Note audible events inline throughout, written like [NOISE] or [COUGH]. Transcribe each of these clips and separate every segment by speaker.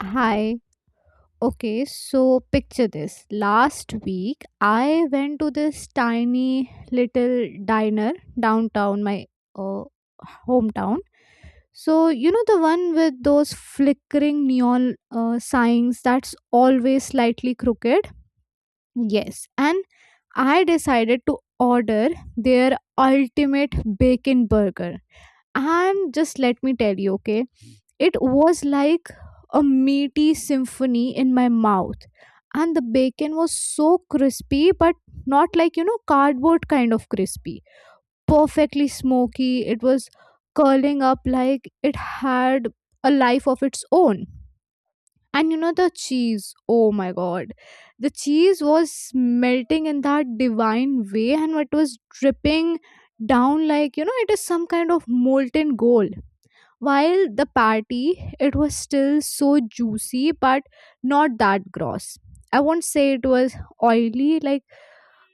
Speaker 1: Hi. Okay, so picture this. Last week, I went to this tiny little diner downtown, my uh, hometown. So, you know, the one with those flickering neon signs that's always slightly crooked? Yes. And I decided to order their ultimate bacon burger. And just let me tell you, okay, it was like a meaty symphony in my mouth. And the bacon was so crispy, but not like, you know, cardboard kind of crispy. Perfectly smoky. It was curling up like it had a life of its own. And you know, the cheese, oh my god. The cheese was melting in that divine way and it was dripping down like, you know, it is some kind of molten gold while the party, it was still so juicy, but not that gross. I won't say it was oily, like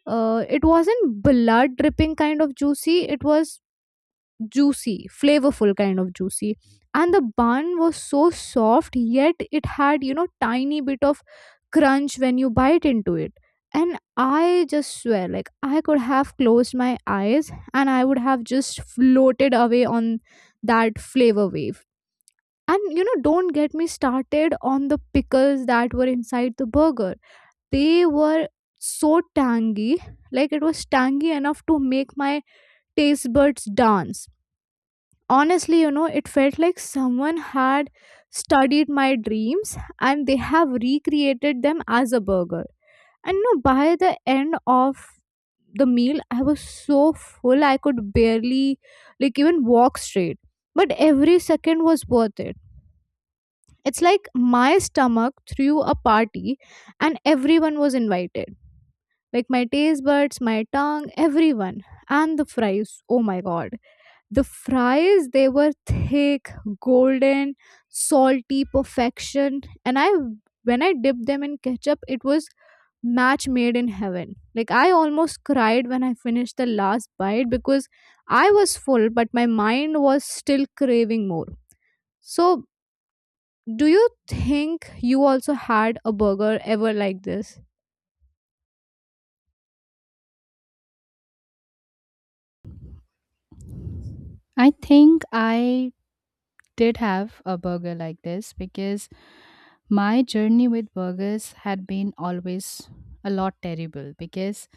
Speaker 1: it wasn't blood dripping kind of juicy, it was juicy, flavorful kind of juicy. And the bun was so soft, yet it had, you know, tiny bit of crunch when you bite into it. And I just swear, like, I could have closed my eyes and I would have just floated away on that flavor wave. And you know, don't get me started on the pickles that were inside the burger. They were so tangy, like it was tangy enough to make my taste buds dance. Honestly, you know, it felt like someone had studied my dreams and they have recreated them as a burger. And you know, by the end of the meal, I was so full I could barely, like, even walk straight. But every second was worth it. It's like my stomach threw a party and everyone was invited. Like my taste buds, my tongue, everyone. And the fries, oh my god. The fries, they were thick, golden, salty perfection. And I, when I dipped them in ketchup, it was match made in heaven. Like I almost cried when I finished the last bite because I was full, but my mind was still craving more. So do you think you also had a burger ever like this?
Speaker 2: I think I did have a burger like this because my journey with burgers had been always a lot terrible because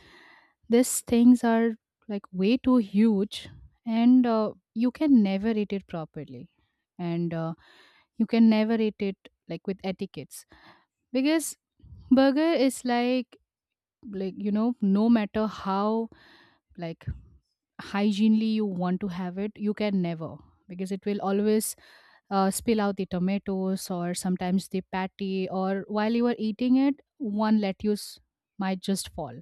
Speaker 2: these things are like way too huge and you can never eat it properly and you can never eat it like with etiquettes because burger is like, you know, no matter how like hygienely you want to have it, you can never, because it will always spill out the tomatoes or sometimes the patty, or while you are eating it, one lettuce might just fall.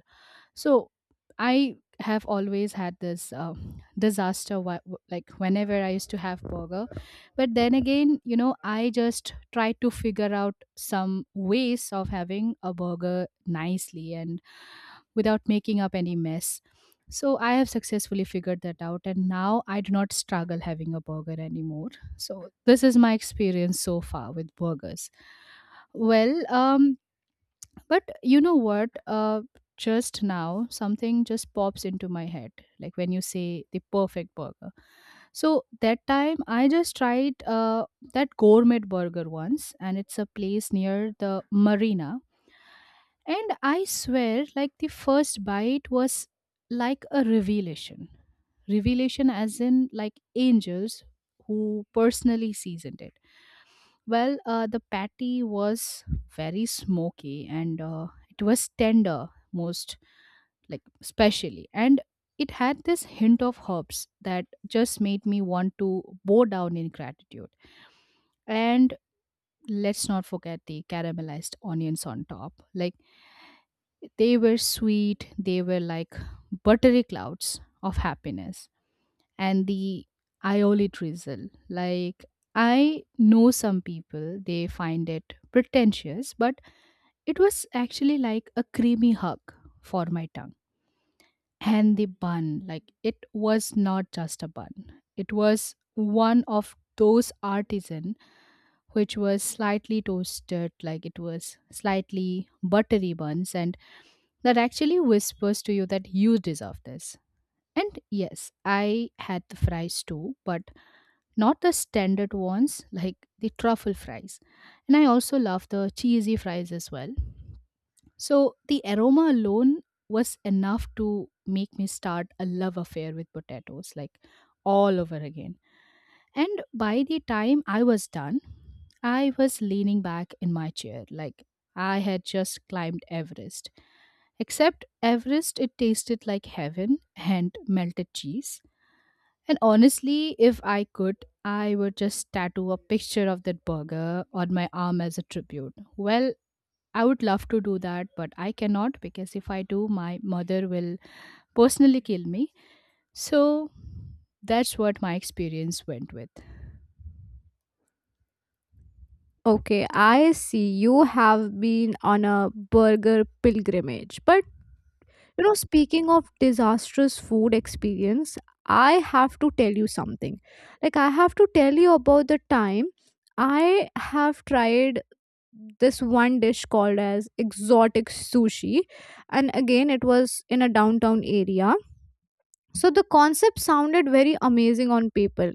Speaker 2: So I have always had this disaster like whenever I used to have burger. But then again, you know, I just try to figure out some ways of having a burger nicely and without making up any mess. So I have successfully figured that out, and now I do not struggle having a burger anymore. So this is my experience so far with burgers. Well, um, but you know what? Just now something just pops into my head, like when you say the perfect burger. So that time I just tried that gourmet burger once, and it's a place near the marina. And I swear, like the first bite was like a revelation. Revelation, as in like angels who personally seasoned it. The patty was very smoky, and it was tender most, like, specially. And it had this hint of herbs that just made me want to bow down in gratitude. And let's not forget the caramelized onions on top. Like, they were sweet, they were like buttery clouds of happiness. And the aioli drizzle, like, I know some people, they find it pretentious, but it was actually like a creamy hug for my tongue. And the bun, like it was not just a bun. It was one of those artisan, which was slightly toasted, like it was slightly buttery buns, and that actually whispers to you that you deserve this. And yes, I had the fries too, but not the standard ones like the truffle fries. And I also love the cheesy fries as well. So the aroma alone was enough to make me start a love affair with potatoes, like, all over again. And by the time I was done, I was leaning back in my chair, like I had just climbed Everest. Except Everest, it tasted like heaven and melted cheese. And honestly, if I could, I would just tattoo a picture of that burger on my arm as a tribute. Well, I would love to do that, but I cannot, because if I do, my mother will personally kill me. So that's what my experience went with.
Speaker 1: Okay, I see you have been on a burger pilgrimage. But you know, speaking of disastrous food experience, I have to tell you something. Like I have to tell you about the time I have tried this one dish called as exotic sushi, and again it was in a downtown area. So the concept sounded very amazing on paper.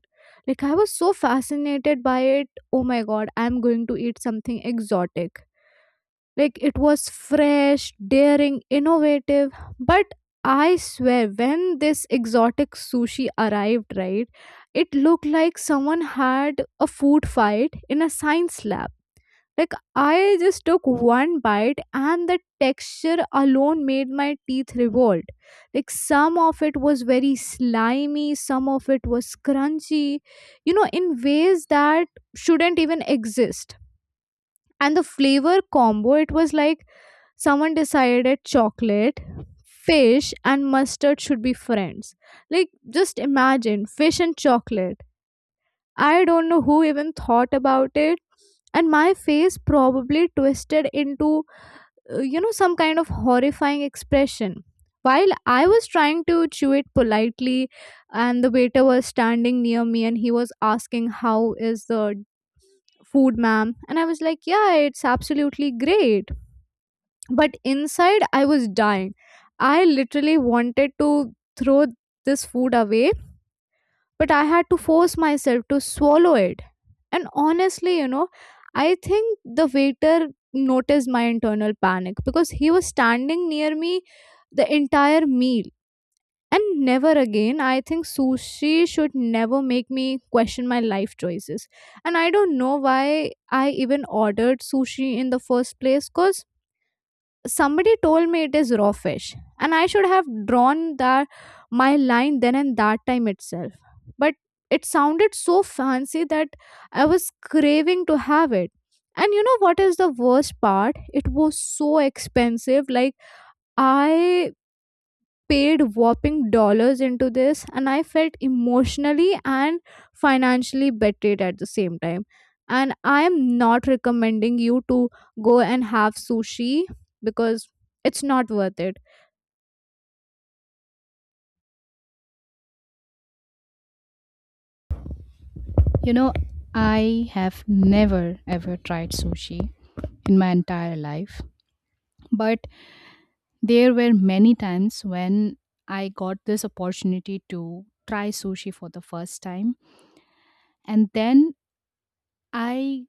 Speaker 1: Like I was so fascinated by it. Oh my god, I'm going to eat something exotic. Like it was fresh, daring, innovative. But I swear, when this exotic sushi arrived, right, it looked like someone had a food fight in a science lab. Like I just took one bite and the texture alone made my teeth revolt. Like some of it was very slimy, some of it was crunchy, you know, in ways that shouldn't even exist. And the flavor combo, it was like someone decided chocolate, fish, and mustard should be friends. Like just imagine fish and chocolate. I don't know who even thought about it. And my face probably twisted into, you know, some kind of horrifying expression. While I was trying to chew it politely, and the waiter was standing near me and he was asking, "How is the food, ma'am?" And I was like, "Yeah, it's absolutely great." But inside, I was dying. I literally wanted to throw this food away, but I had to force myself to swallow it. And honestly, you know, I think the waiter noticed my internal panic because he was standing near me the entire meal. And never again, I think sushi should never make me question my life choices. And I don't know why I even ordered sushi in the first place because somebody told me it is raw fish and I should have drawn that my line then and that time itself, but it sounded so fancy that I was craving to have it. And you know what is the worst part, it was so expensive. Like I paid whopping dollars into this and I felt emotionally and financially betrayed at the same time. And I am not recommending you to go and have sushi because it's not worth it.
Speaker 2: You know, I have never ever tried sushi in my entire life, but there were many times when I got this opportunity to try sushi for the first time, and then I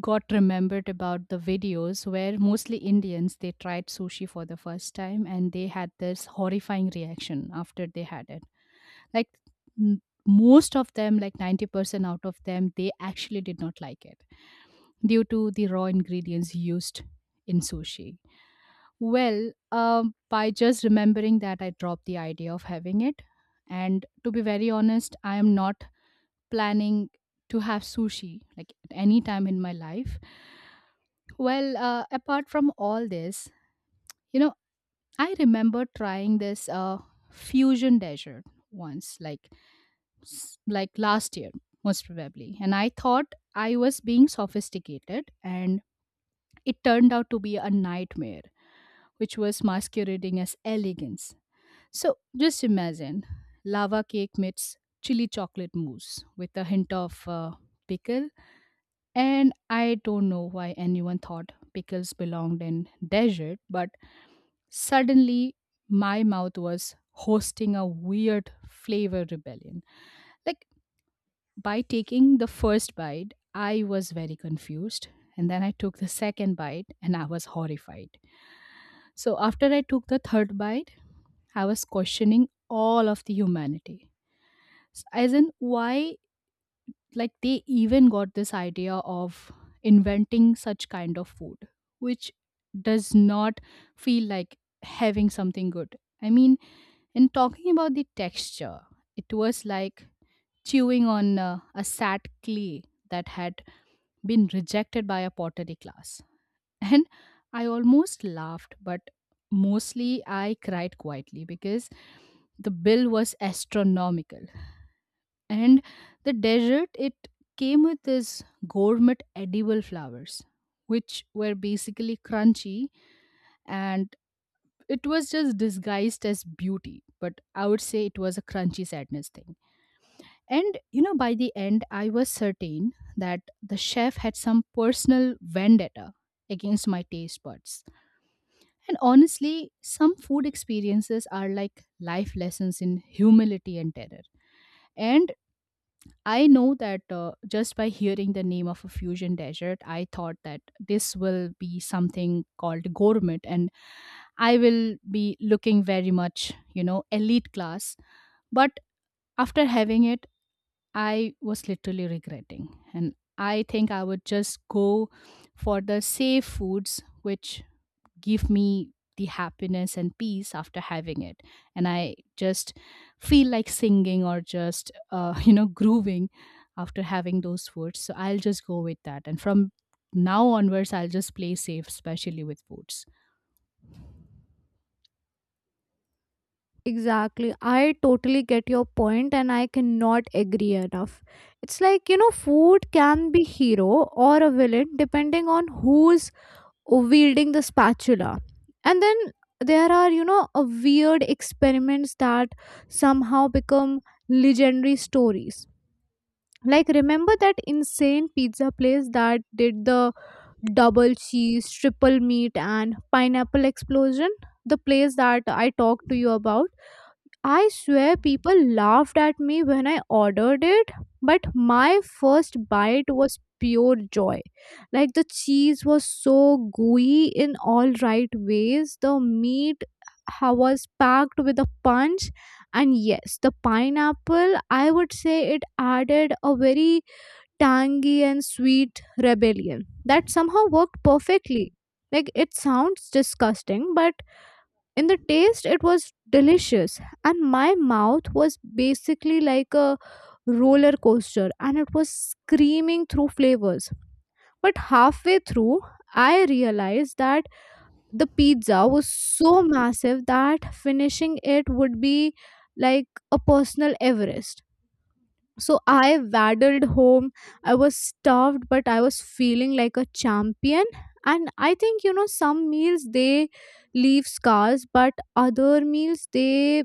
Speaker 2: got remembered about the videos where mostly Indians they tried sushi for the first time and they had this horrifying reaction after they had it. Like most of them, like 90% out of them, they actually did not like it due to the raw ingredients used in sushi. By just remembering that, I dropped the idea of having it. And to be very honest, I am not planning to have sushi like at any time in my life. Apart from all this, you know, I remember trying this fusion dessert once, like like last year, most probably, and I thought I was being sophisticated, and it turned out to be a nightmare, which was masquerading as elegance. So just imagine lava cake meets chili chocolate mousse with a hint of pickle. And I don't know why anyone thought pickles belonged in dessert, but suddenly, my mouth was hosting a weird flavor rebellion. Like, by taking the first bite, I was very confused. And then I took the second bite and I was horrified. So, after I took the third bite, I was questioning all of the humanity. As in, why like they even got this idea of inventing such kind of food which does not feel like having something good. I mean, in talking about the texture, it was like chewing on a sad clay that had been rejected by a pottery class. [LAUGHS] And I almost laughed, but mostly I cried quietly because the bill was astronomical. And the dessert, it came with this gourmet edible flowers, which were basically crunchy, and it was just disguised as beauty, but I would say it was a crunchy sadness thing. And you know, by the end I was certain that the chef had some personal vendetta against my taste buds. And honestly, some food experiences are like life lessons in humility and terror. And I know that, just by hearing the name of a fusion desert, I thought that this will be something called gourmet, and I will be looking very much, you know, elite class. But after having it, I was literally regretting, and I think I would just go for the safe foods, which give me the happiness and peace after having it. And I just feel like singing or just [LAUGHS] you know, grooving after having those foods. So I'll just go with that. And from now onwards, I'll just play safe, especially with foods.
Speaker 1: Exactly. I totally get your point and I cannot agree enough. It's like you know food can be hero or a villain depending on who's wielding the spatula. And then there are, you know, a weird experiments that somehow become legendary stories. Like remember that insane pizza place that did the double cheese triple meat and pineapple explosion, the place that I talked to you about? I swear people laughed at me when I ordered it, but my first bite was pure joy. Like the cheese was so gooey in all right ways, the meat was packed with a punch, and yes, the pineapple, I would say it added a very tangy and sweet rebellion that somehow worked perfectly. Like it sounds disgusting, but in the taste it was delicious and my mouth was basically like a roller coaster and it was screaming through flavors. But halfway through I realized that the pizza was so massive that finishing it would be like a personal everest. So I waddled home. I was starved, but I was feeling like a champion. And I think, you know, some meals they leave scars, but other meals they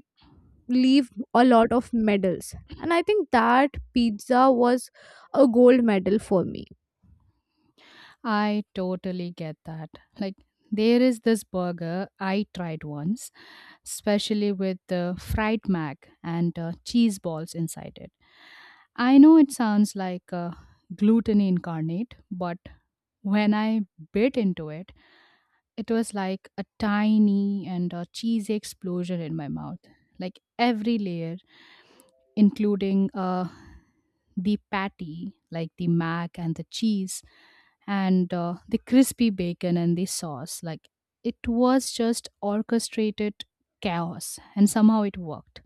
Speaker 1: leave a lot of medals. And I think that pizza was a gold medal for me.
Speaker 2: I totally get that. Like, there is this burger I tried once, especially with the fried mac and cheese balls inside it. I know it sounds like gluten incarnate, but when I bit into it, it was like a tiny and a cheesy explosion in my mouth. Like every layer, including the patty, like the mac and the cheese, and the crispy bacon and the sauce. Like, it was just orchestrated chaos, and somehow it worked.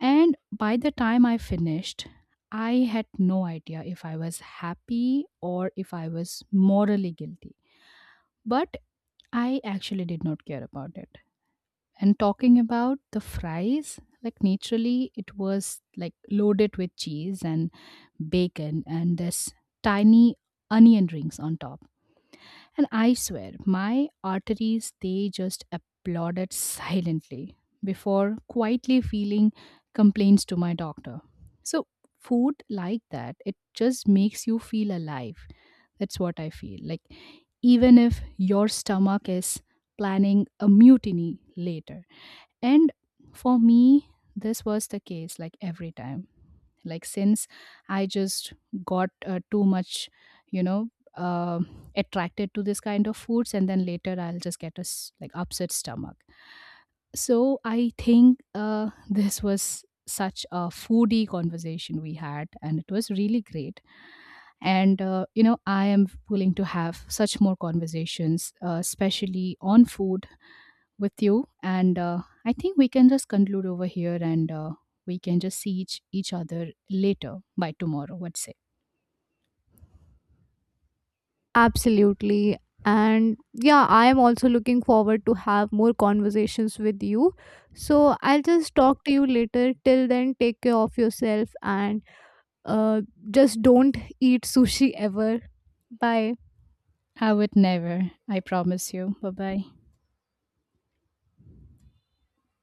Speaker 2: And by the time I finished, I had no idea if I was happy or if I was morally guilty. But I actually did not care about it. And talking about the fries, like naturally it was like loaded with cheese and bacon and this tiny onion rings on top. And I swear, my arteries they just applauded silently before quietly feeling complaints to my doctor. So food like that, it just makes you feel alive. That's what I feel. Like, even if your stomach is planning a mutiny later. And for me, this was the case like every time. Like, since I just got too much, you know, attracted to this kind of foods, and then later I'll just get a like upset stomach. So, I think [LAUGHS] this was such a foodie conversation we had, and it was really great. And, you know, I am willing to have such more conversations, especially on food with you. And I think we can just conclude over here, and we can just see each other later by tomorrow, let's say.
Speaker 1: Absolutely. And yeah, I am also looking forward to have more conversations with you. So I'll just talk to you later. Till then, take care of yourself and uh, just don't eat sushi ever. Bye.
Speaker 2: I would never. I promise you. Bye bye.